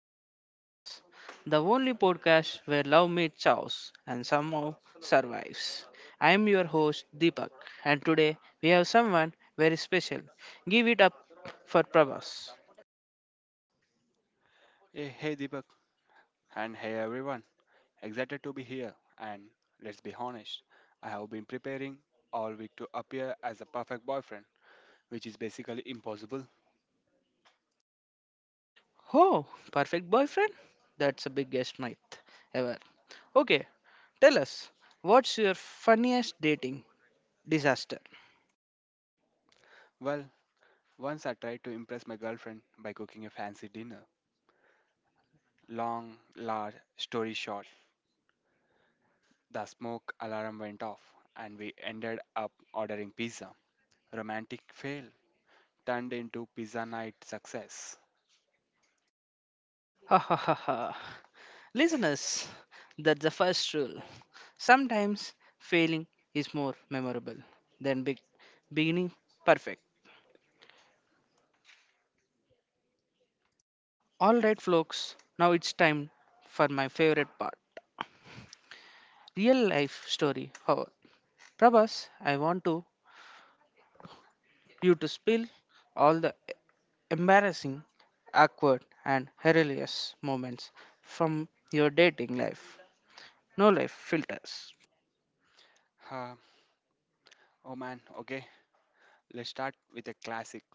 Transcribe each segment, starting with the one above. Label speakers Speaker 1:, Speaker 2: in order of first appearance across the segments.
Speaker 1: Life Hacks, the only podcast where love meets chaos and somehow survives. I am your host Deepak, and today we have someone very special. Give it up for Prabhas.
Speaker 2: Hey, hey Deepak, and hey everyone. Excited to be here. And let's be honest, I have been preparing all week to appear as a perfect boyfriend, which is basically impossible.
Speaker 1: Oh, perfect boyfriend? That's the biggest myth ever. Okay, tell us, what's your funniest dating disaster?
Speaker 2: Well, once I tried to impress my girlfriend by cooking a fancy dinner. Long, large story short, the smoke alarm went off, and we ended up ordering pizza. Romantic fail turned into pizza night success.
Speaker 1: Ha ha ha ha. Listeners, that's the first rule. Sometimes failing is more memorable than beginning perfect. Alright, folks, now it's time for my favorite part, real life story hour. Prabhas, I want to you to spill all the embarrassing, awkward, and hilarious moments from your dating life. No life filters.
Speaker 2: Huh, oh man, okay, let's start with a classic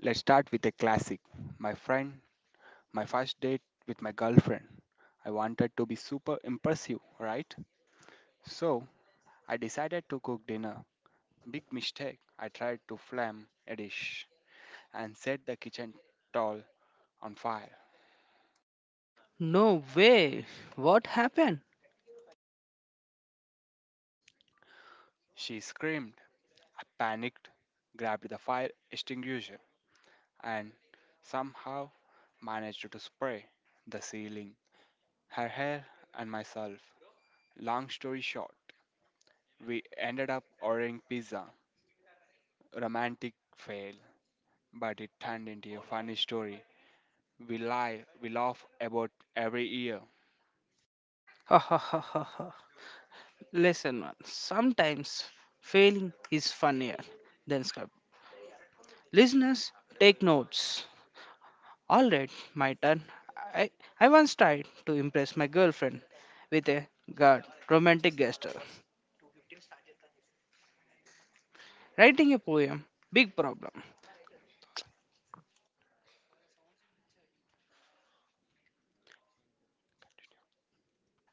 Speaker 2: Let's start with a classic. My friend, my first date with my girlfriend. I wanted to be super impressive, right? So I decided to cook dinner. Big mistake. I tried to flame a dish and set the kitchen towel on fire.
Speaker 1: No way! What happened?
Speaker 2: She screamed. I panicked, grabbed the fire extinguisher, and somehow managed to spray the ceiling, her hair, and myself. Long story short, we ended up ordering pizza romantic fail, but it turned into a funny story. We lie, we laugh about every year.
Speaker 1: Ha ha ha ha ha. Lesson one. Sometimes failing is funnier than script. Listeners, take notes. Alright, my turn. I, I once tried to impress my girlfriend with a god romantic gesture. Writing a poem, big problem.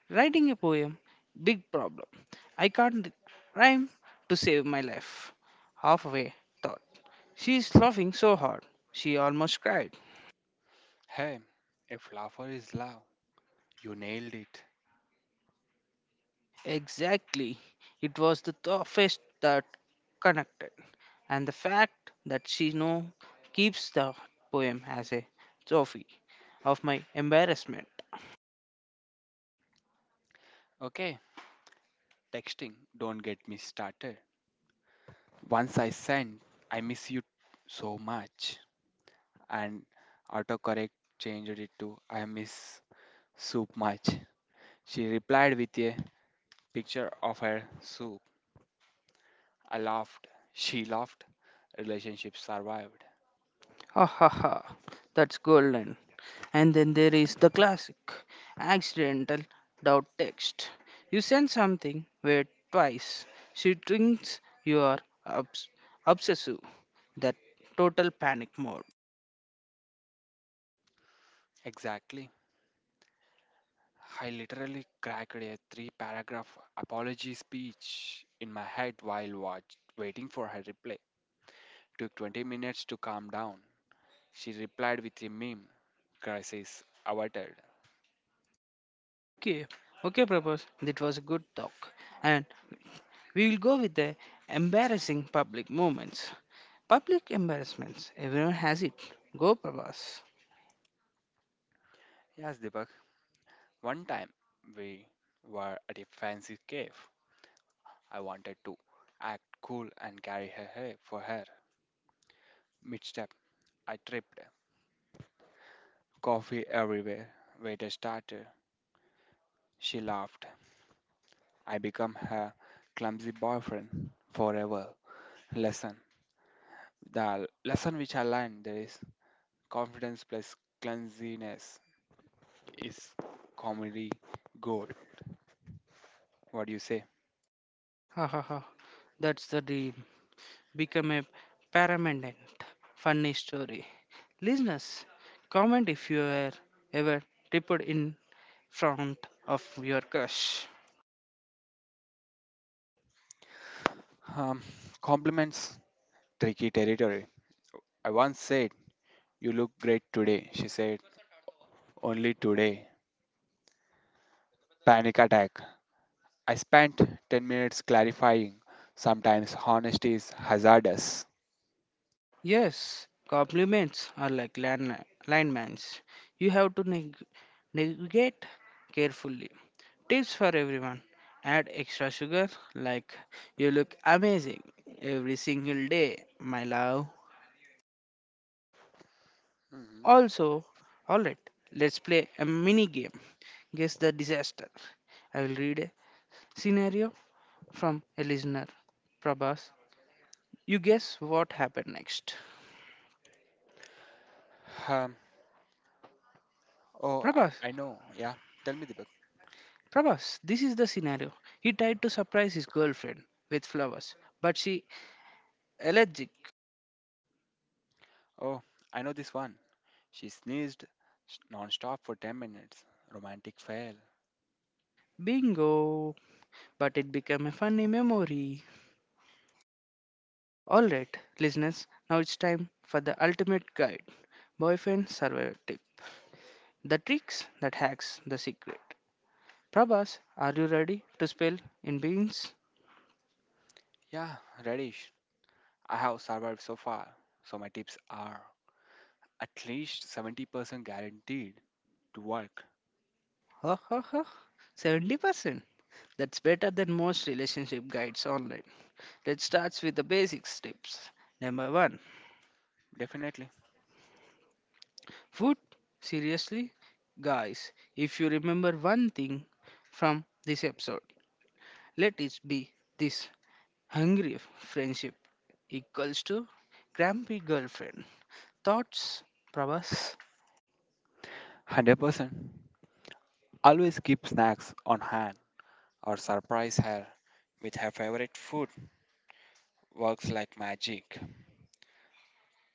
Speaker 1: Writing a poem, big problem. I can't rhyme to save my life. Halfway thought. She is laughing so hard, she almost cried.
Speaker 2: Hey, if laughter is love, you nailed it.
Speaker 1: Exactly. It was the toughest that connected. And the fact that she now keeps the poem as a trophy of my embarrassment.
Speaker 2: Okay, texting, don't get me started. Once I sent, I miss you so much, and autocorrect changed it to I miss soup much. She replied with a picture of her soup. I laughed. She laughed. Relationship survived.
Speaker 1: Ha ha ha. That's golden. And then there is the classic accidental doubt text. You send something where twice she thinks you are obs- obsessive. That total panic mode.
Speaker 2: Exactly. I literally cracked a three paragraph apology speech in my head while waiting for her reply. Took 20 minutes to calm down. She replied with a meme. Crisis averted.
Speaker 1: Okay, okay, Prabhas, that was a good talk. And we will go with the embarrassing public moments. Public embarrassments. Everyone has it. Go, Prabhas.
Speaker 2: Yes, Deepak. One time we were at a fancy cave. I wanted to act cool and carry her hair for her. Mid step, I tripped. Coffee everywhere. Waiter started. She laughed. I become her clumsy boyfriend forever. Lesson. The lesson which I learned there is confidence plus clumsiness is comedy gold. What do you say?
Speaker 1: Ha ha ha. That's the dream. Become a paramendant. Funny story. Listeners, comment if you are ever tripped in front of your crush.
Speaker 2: Um, compliments, tricky territory. I once said, you look great today. She said, only today. Panic attack. I spent 10 minutes clarifying. Sometimes honesty is hazardous.
Speaker 1: Yes, compliments are like landmines. You have to navigate carefully. Tips for everyone, add extra sugar like, you look amazing every single day my love.
Speaker 2: Mhm.
Speaker 1: Also, all right let's play a mini game, guess the disaster. I will read a scenario from a listener. Prabhas, you guess what happened next.
Speaker 2: Um, oh,
Speaker 1: prabhas
Speaker 2: I know. Yeah. Tell me, Deepak.
Speaker 1: prabhas this is the scenario. He tried to surprise his girlfriend with flowers, but she allergic.
Speaker 2: Oh, I know this one. She sneezed nonstop for 10 minutes. Romantic fail.
Speaker 1: Bingo, but it became a funny memory. All right, listeners, now it's time for the ultimate guide, boyfriend survivor tip. The tricks that hacks the secret. Prabhas, are you ready to spill in beans?
Speaker 2: Yeah, Radish, I have survived so far, so my tips are at least 70% guaranteed to work.
Speaker 1: Ha ha ha. 70%. That's better than most relationship guides online. Let's start with the basic steps. Number 1.
Speaker 2: Definitely.
Speaker 1: Food. Seriously? Guys, if you remember one thing from this episode, let it be this, hungry friendship equals to grumpy girlfriend. Thoughts, Prabhas?
Speaker 2: 100%. Always keep snacks on hand or surprise her with her favorite food. Works like magic.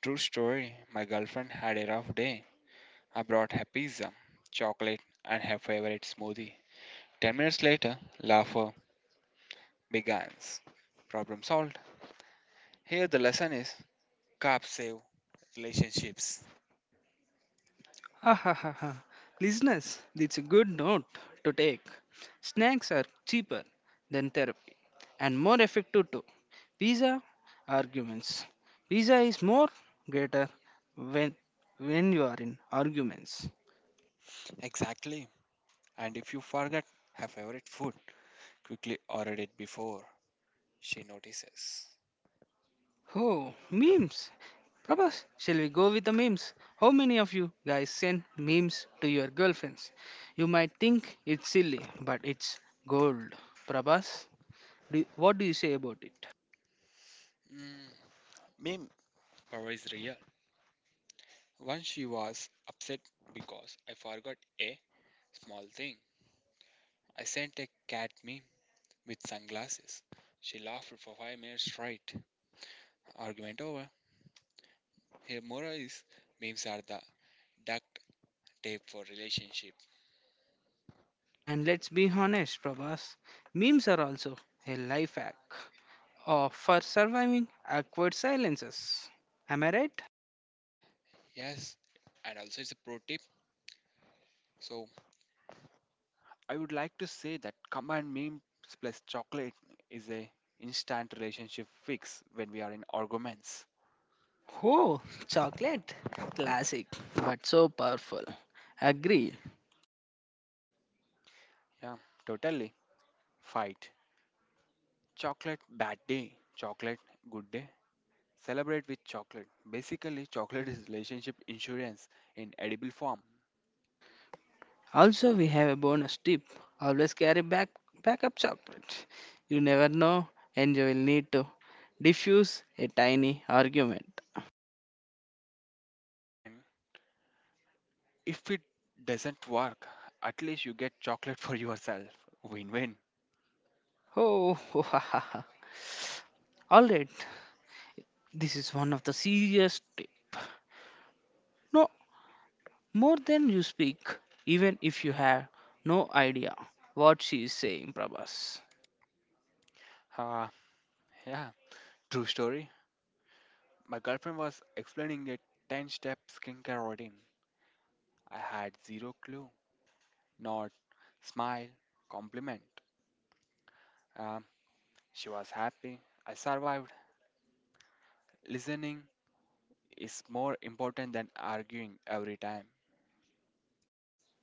Speaker 2: True story, my girlfriend had a rough day. I brought her pizza, chocolate, and her favorite smoothie. 10 minutes later, laughter, begins. Problem solved. Here the lesson is carbs save relationships.
Speaker 1: Ha ha ha ha. Listeners, it's a good note to take. Snacks are cheaper than therapy and more effective too. Pizza arguments. Pizza is more greater when when you are in arguments.
Speaker 2: Exactly. And if you forget her favorite food, quickly order it before she notices.
Speaker 1: Oh, memes. Prabhas, shall we go with the memes? How many of you guys send memes to your girlfriends? You might think it's silly, but it's gold. Prabhas, what do you say about it?
Speaker 2: Mm, meme power is real. Once she was upset because I forgot a small thing. I sent a cat meme with sunglasses. She laughed for 5 minutes straight. Argument over. Her moral is memes are the duct tape for relationships.
Speaker 1: And let's be honest, Prabhas, memes are also a life hack or for surviving awkward silences. Am I right?
Speaker 2: Yes, and also it's a pro tip. So I would like to say that command memes plus chocolate is a instant relationship fix when we are in arguments.
Speaker 1: Oh, chocolate. Classic, but so powerful. Agree.
Speaker 2: Yeah, totally. Fight. Chocolate bad day. Chocolate good day. Celebrate with chocolate. Basically, chocolate is relationship insurance in edible form.
Speaker 1: Also, we have a bonus tip, always carry backup chocolate. You never know, and you will need to diffuse a tiny argument.
Speaker 2: And if it doesn't work, at least you get chocolate for yourself. Win-win.
Speaker 1: Oh, ho, ha, ha, ha. All right, this is one of the serious tip. No more than you speak, even if you have no idea what she is saying, Prabhas.
Speaker 2: Ah, yeah. True story. My girlfriend was explaining a 10 step skincare routine. I had zero clue. Not smile, compliment. Um, she was happy. I survived. Listening is more important than arguing every time.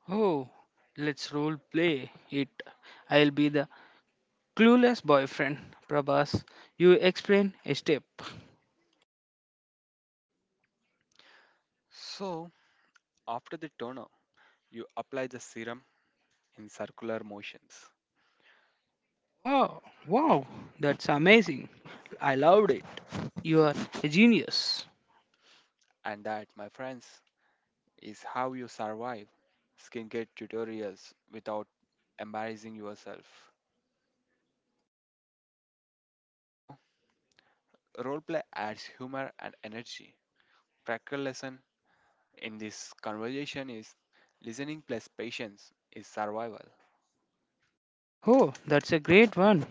Speaker 1: Oh, let's role play it. I'll be the clueless boyfriend, Prabhas. You explain a step.
Speaker 2: So, after the toner, you apply the serum in circular motions.
Speaker 1: Wow, that's amazing. I loved it. You are a genius.
Speaker 2: And that, my friends, is how you survive skincare tutorials without embarrassing yourself. So, roleplay adds humor and energy. Practical lesson in this conversation is listening plus patience is survival.
Speaker 1: Oh, that's a great one.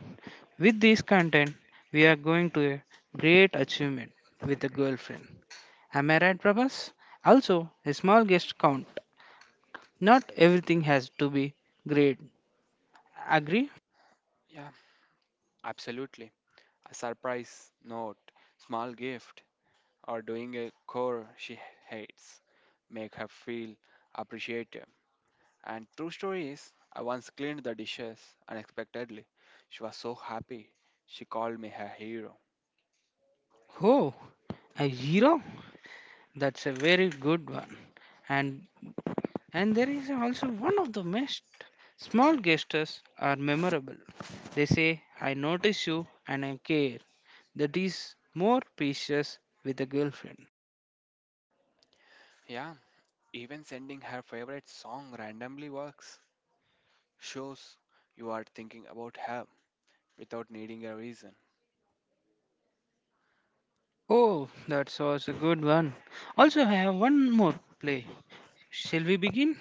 Speaker 1: With this content, we are going to a great achievement with a girlfriend. Am I right, Prabhas? Also, a small guest count. Not everything has to be great. Agree?
Speaker 2: Yeah, absolutely. A surprise note, small gift, or doing a chore she hates make her feel appreciated. And true story is, I once cleaned the dishes unexpectedly. She was so happy. She called me her hero.
Speaker 1: Oh, a hero? That's a very good one. And And there is also one of the most, small gestures are memorable. They say, I notice you and I care. That is more precious with a girlfriend.
Speaker 2: Yeah, even sending her favorite song randomly works. Shows you are thinking about her without needing a reason.
Speaker 1: Oh, that was a good one. Also, I have one more play. Shall we begin?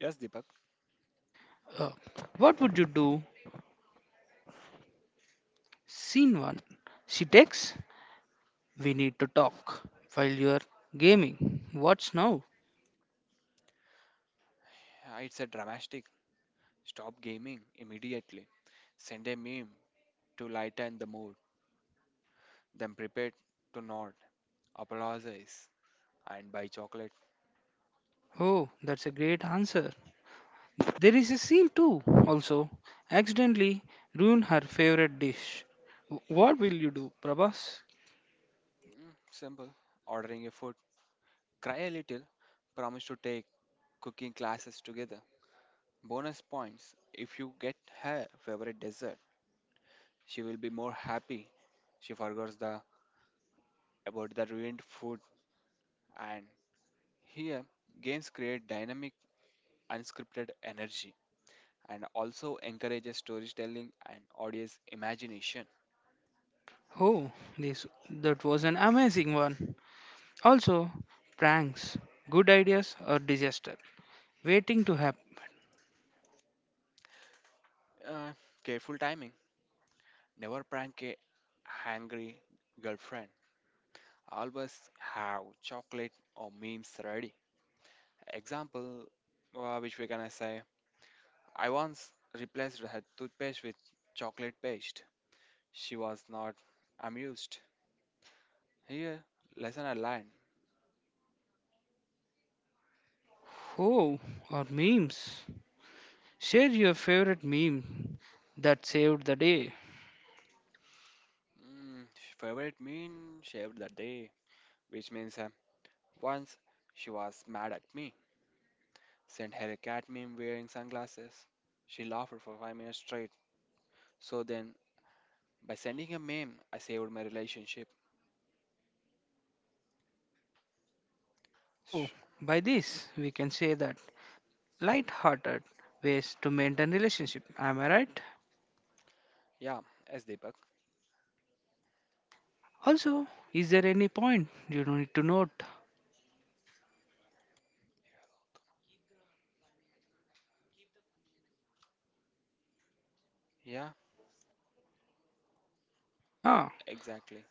Speaker 2: Yes, Deepak,
Speaker 1: Uh, what would you do? Scene 1. She texts, we need to talk while you are gaming. What's now?
Speaker 2: it's a dramatic. Stop gaming immediately. Send a meme to lighten the mood. Then prepare to nod, apologize, and buy chocolate.
Speaker 1: Oh, that's a great answer. There is a seal too, also, accidentally ruin her favorite dish. What will you do, Prabhas?
Speaker 2: Simple. Ordering a food. Cry a little. Promise to take cooking classes together. Bonus points if you get her favorite dessert. She will be more happy. She forgets the about the ruined food. And here, games create dynamic, unscripted energy, and also encourages storytelling and audience imagination.
Speaker 1: Oh, this that was an amazing one. Also, pranks, good ideas or disaster, waiting to happen.
Speaker 2: Uh, careful timing. Never prank a hangry girlfriend. Always have chocolate or memes ready. Example, which we gonna say, I once replaced her toothpaste with chocolate paste. She was not amused. Here, lesson I learned.
Speaker 1: Oh, or memes. Share your favorite meme that saved the day.
Speaker 2: Mm, favorite mean shaved the day, which means once she was mad at me sent her a cat meme wearing sunglasses. She laughed for 5 minutes straight. So then, by sending a meme, I saved my relationship.
Speaker 1: Oh,
Speaker 2: Sh-
Speaker 1: by this we can say that light-hearted ways to maintain relationship. Am I right?
Speaker 2: yeah, as Deepak.
Speaker 1: Also, is there any point you don't need to note?
Speaker 2: Yeah,
Speaker 1: Ah,
Speaker 2: exactly.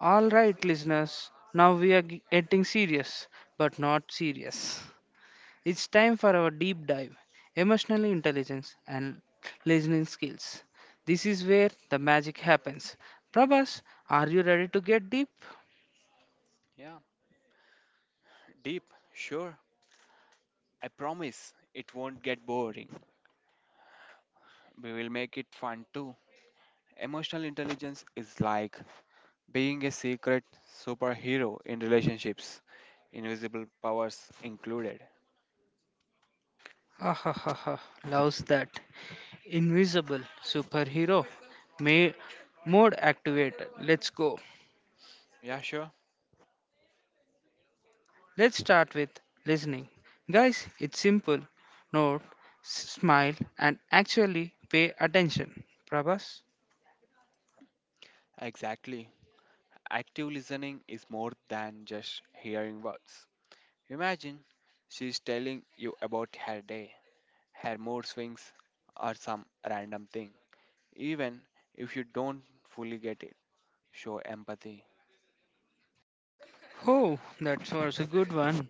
Speaker 1: all right, listeners. Now we are getting serious, but not serious. It's time for our deep dive, emotional intelligence and listening skills. This is where the magic happens. Prabhas, are you ready to get deep?
Speaker 2: Yeah, deep, sure. I promise it won't get boring. We will make it fun too. Emotional intelligence is like being a secret superhero in relationships, invisible powers included.
Speaker 1: Ah ha ha ha! Loves that invisible superhero. May mode activated. Let's go.
Speaker 2: Yeah, sure.
Speaker 1: Let's start with listening. Guys, it's simple. Nod, smile, and actually pay attention. Prabhas?
Speaker 2: Exactly. Active listening is more than just hearing words. Imagine she's telling you about her day, her mood swings, or some random thing. Even if you don't fully get it, show empathy.
Speaker 1: Oh, that was a good one.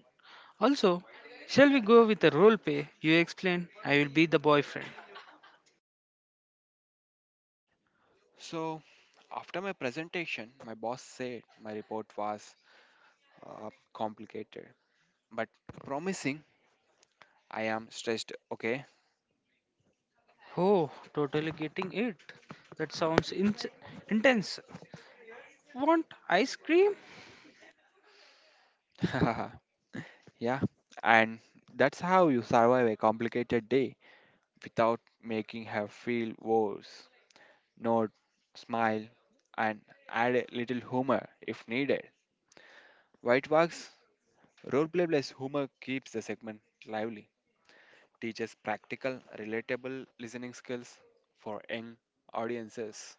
Speaker 1: Also, shall we go with the role play? You explain, I will be the boyfriend.
Speaker 2: So, after my presentation, my boss said my report was complicated but promising. I am stressed, okay?
Speaker 1: Oh, totally getting it. That sounds intense. Want ice cream?
Speaker 2: Yeah, and that's how you survive a complicated day without making her feel worse. Nod, smile, and add a little humor if needed. White Wax roleplay plus humor keeps the segment lively, teaches practical, relatable listening skills for young audiences.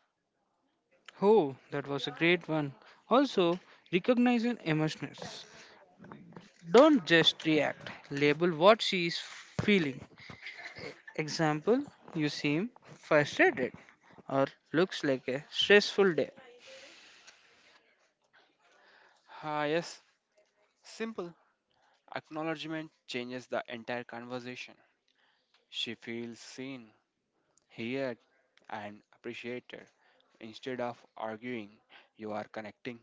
Speaker 1: Oh, that was a great one. Also, recognizing emotions. Don't just react. Label what she is feeling. Example, you seem frustrated or looks like a stressful day.
Speaker 2: Yes, simple acknowledgement changes the entire conversation. She feels seen, heard, and appreciated instead of arguing. You are connecting.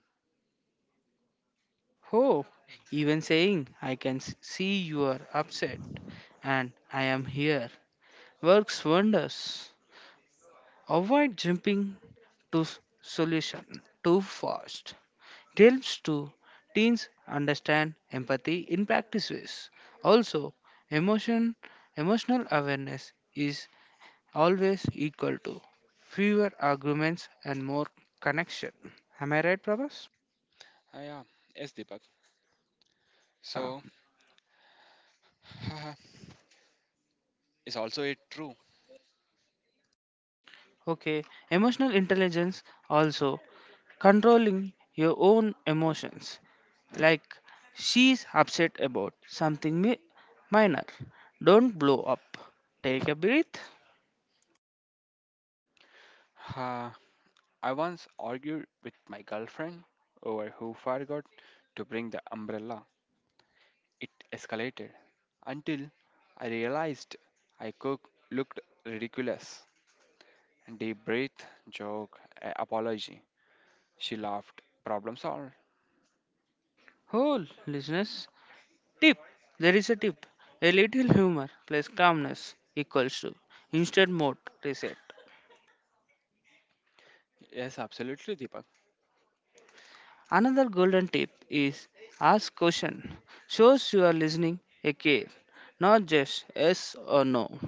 Speaker 1: Oh, even saying I can see you are upset and I am here works wonders. Avoid jumping to solution too fast. It helps to teens understand empathy in practice ways. Also, emotion emotional awareness is always equal to fewer arguments and more connection. Am I right, Prabhas?
Speaker 2: Yeah. Yes, Deepak.
Speaker 1: Yeah.
Speaker 2: So, is also it true?
Speaker 1: Okay. Emotional intelligence also controlling your own emotions. Like she's upset about something minor. Don't blow up. Take a breath.
Speaker 2: Uh, I once argued with my girlfriend over who forgot to bring the umbrella. It escalated until I realized I cook looked ridiculous. Deep breath, joke, apology. She laughed. Problem solved.
Speaker 1: Whole listeners. Tip. There is a tip. A little humor plus calmness equals to instant mode reset.
Speaker 2: Yes, absolutely, Deepak.
Speaker 1: Another golden tip is ask question. Shows you are listening a care, not just yes or no.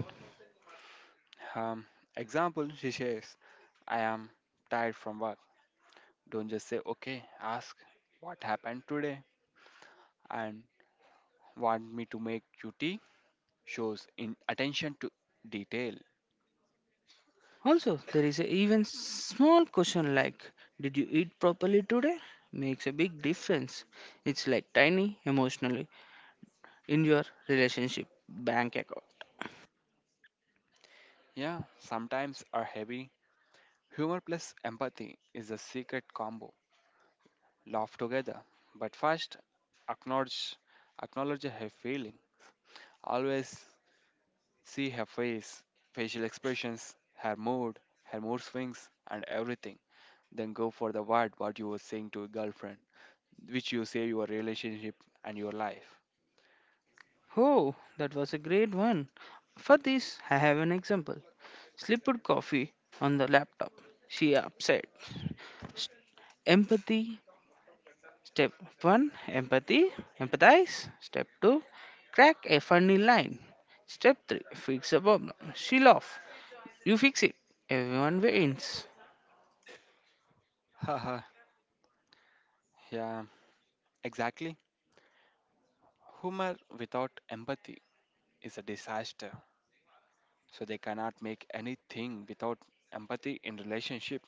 Speaker 2: Um, example, she says, I am tired from work. Don't just say okay. Ask what happened today and want me to make QT shows in attention to detail.
Speaker 1: Also, there is a even small question like, did you eat properly today? Makes a big difference. It's like tiny emotionally in your relationship bank account.
Speaker 2: Yeah, sometimes are heavy. Humor plus empathy is the secret combo. Laugh together, but first acknowledge acknowledge her feeling. Always see her face, facial expressions, her mood swings, and everything. Then go for the word what you were saying to a girlfriend, which you say your relationship and your life.
Speaker 1: Oh, that was a great one. For this, I have an example. Slipped coffee on the laptop. She upset. Empathy Step 1, empathy, empathize. Step 2, crack a funny line. Step 3, fix a problem. She laughs. You fix it. Everyone wins.
Speaker 2: Haha, yeah, exactly. Humor without empathy is a disaster. So they cannot make anything without empathy in relationship.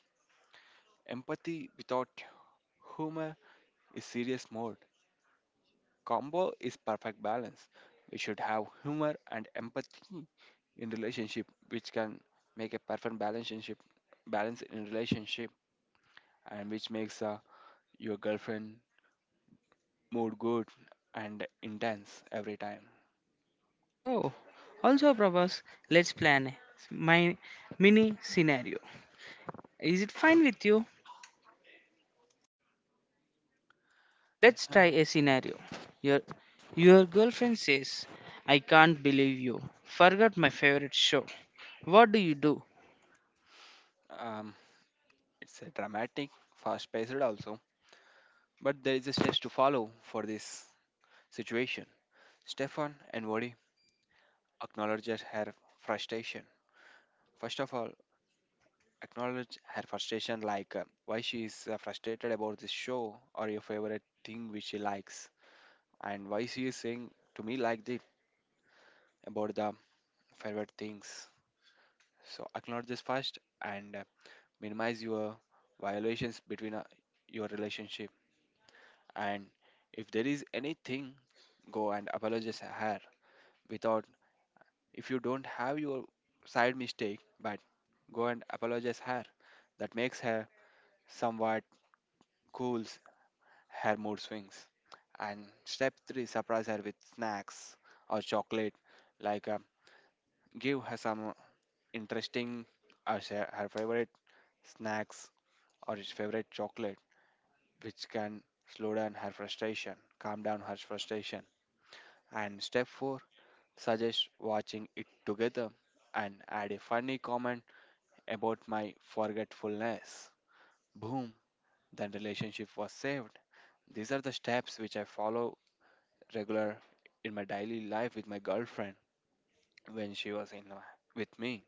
Speaker 2: Empathy without humor is serious mode. Combo is perfect balance. We should have humor and empathy in relationship, which can make a perfect balance in relationship, and which makes your girlfriend mood good and intense every time.
Speaker 1: Oh, also propose let's plan my mini scenario. Is it fine with you? Let's
Speaker 2: Uh,
Speaker 1: try a scenario. Your your girlfriend says, I can't believe you. Forgot my favorite show. What do you do?
Speaker 2: Um, It's a dramatic, fast paced also, but there is a steps to follow for this situation. Stefan and Vodi acknowledges her frustration. First of all, acknowledge her frustration like why she is frustrated about this show or your favorite thing which she likes and why she is saying to me like this about the favorite things. So acknowledge this first and minimize your violations between your relationship. And if there is anything go and apologize her without if you don't have your side mistake but go and apologize her that makes her somewhat cools her mood swings and step 3 surprise her with snacks or chocolate like give her some interesting or her favorite snacks or his favorite chocolate, which can slow down her frustration, calm down her frustration. And step four, suggest watching it together and add a funny comment about my forgetfulness. Boom, then relationship was saved. These are the steps which I follow regular in my daily life with my girlfriend when she was in my, with me.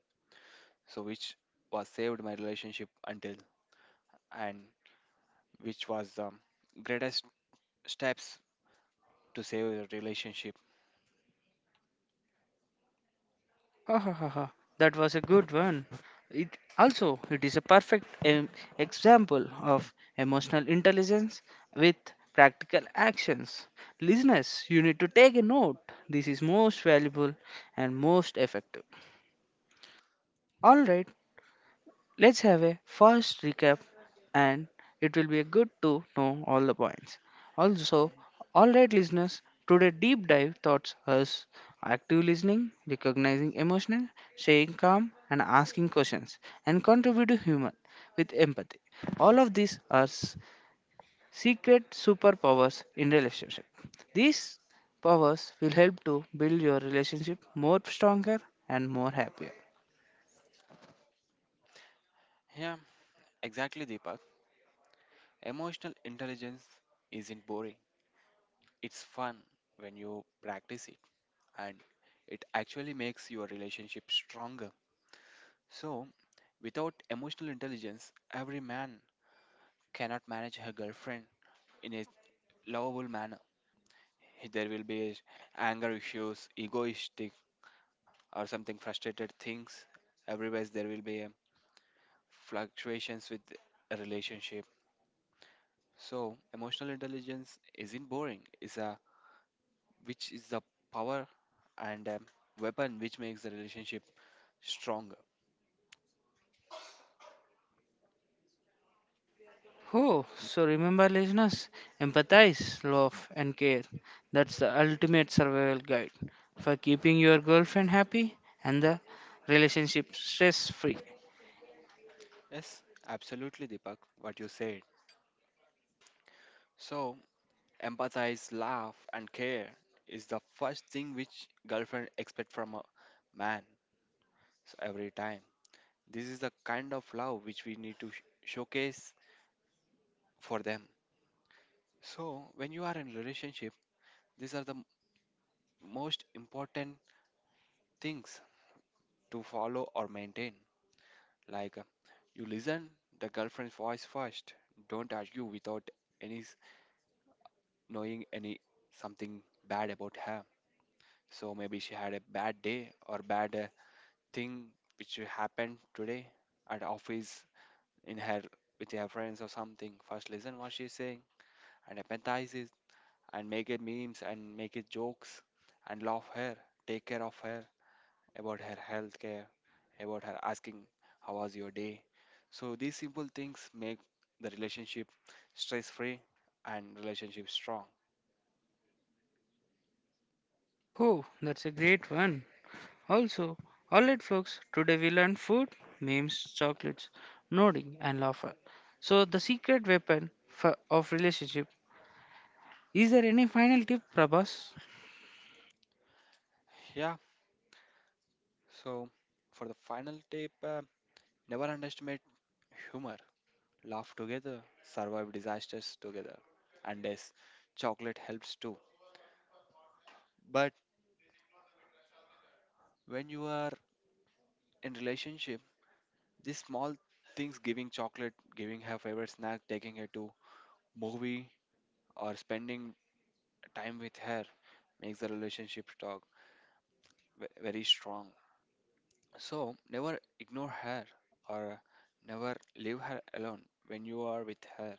Speaker 2: So which was saved my relationship until and which was the greatest steps to save the relationship.
Speaker 1: Ha ha ha ha. That was a good one. It is a perfect example of emotional intelligence with practical actions. Listeners, you need to take a note. This is most valuable and most effective. All right. Let's have a fast recap and it will be good to know all the points. Also, alright listeners, today deep dive taught us active listening, recognizing emotional, staying calm and asking questions and contribute to human with empathy. All of these are secret superpowers in relationship. These powers will help to build your relationship more stronger and more happier.
Speaker 2: Yeah, exactly Deepak. Emotional intelligence isn't boring. It's fun when you practice it and it actually makes your relationship stronger. So, without emotional intelligence, every man cannot manage her girlfriend in a lovable manner. There will be anger issues, egoistic, or something frustrated things. Otherwise, there will be fluctuations with a relationship. So, emotional intelligence isn't boring. Is a which is the power and weapon which makes the relationship stronger.
Speaker 1: Oh, so remember, listeners, empathize, love, and care. That's the ultimate survival guide for keeping your girlfriend happy and the relationship stress free.
Speaker 2: Yes, absolutely, Deepak, what you said. So, empathize, laugh, and care is the first thing which girlfriend expect from a man so every time. This is the kind of love which we need to showcase for them. So, when you are in relationship, these are the most important things to follow or maintain. Like you listen the girlfriend's voice first. Don't argue without any knowing any something bad about her. So maybe she had a bad day or bad thing which happened today at office in her with her friends or something. First listen what she's saying and empathize it and make it memes and make it jokes and love her, take care of her about her health care, about her asking how was your day. So these simple things make the relationship stress free and relationship strong.
Speaker 1: Oh, that's a great one. Also, alright, folks, today we learned food, memes, chocolates, nodding, and laughter. So, the secret weapon for, of relationship. Is there any final tip, Prabhas?
Speaker 2: Yeah. So for the final tip, never underestimate humor, laugh together, survive disasters together. And yes, chocolate helps too. But when you are in relationship, these small things giving chocolate, giving her favorite snack, taking her to movie or spending time with her makes the relationship talk very strong. So never ignore her or never leave her alone when you are with her.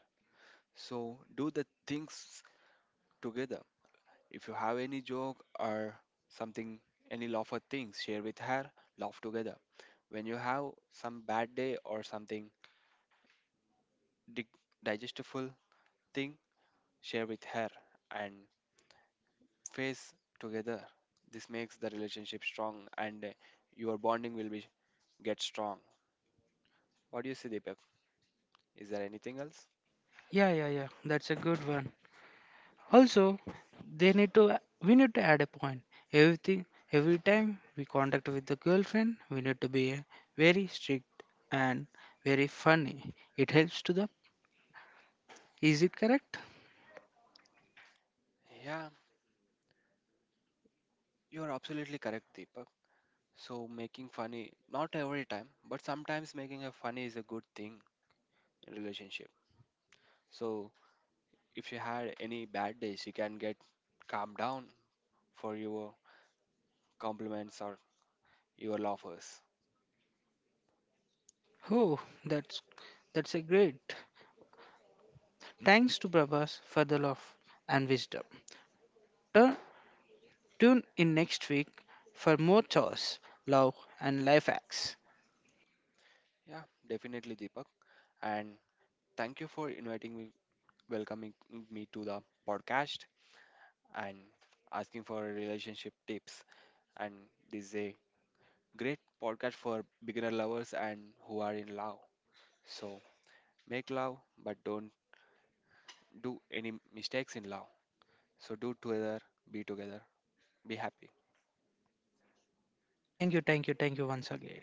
Speaker 2: So do the things together. If you have any joke or something, any laughter things, share with her, laugh together. When you have some bad day or something dig- digestible thing, share with her and face together. This makes the relationship strong and your bonding will be get strong. What do you say, Deepak? Is there anything else?
Speaker 1: Yeah, yeah, yeah, that's a good one. Also, they need to we need to add a point. Everything, every time we contact with the girlfriend, we need to be very strict and very funny. It helps to the, is it correct?
Speaker 2: Yeah, you are absolutely correct, Deepak. So making funny, not every time, but sometimes making a funny is a good thing in relationship. So if you had any bad days, you can get calmed down for your compliments or your laughers.
Speaker 1: Oh, that's a great. Thanks to Prabhas for the love and wisdom. Turn, tune in next week for more chores, love and life hacks.
Speaker 2: Yeah, definitely, Deepak. And thank you for inviting me, welcoming me to the podcast and asking for relationship tips. And this is a great podcast for beginner lovers and who are in love. So make love, but don't do any mistakes in love. So do together, be happy.
Speaker 1: Thank you, thank you, thank you once again.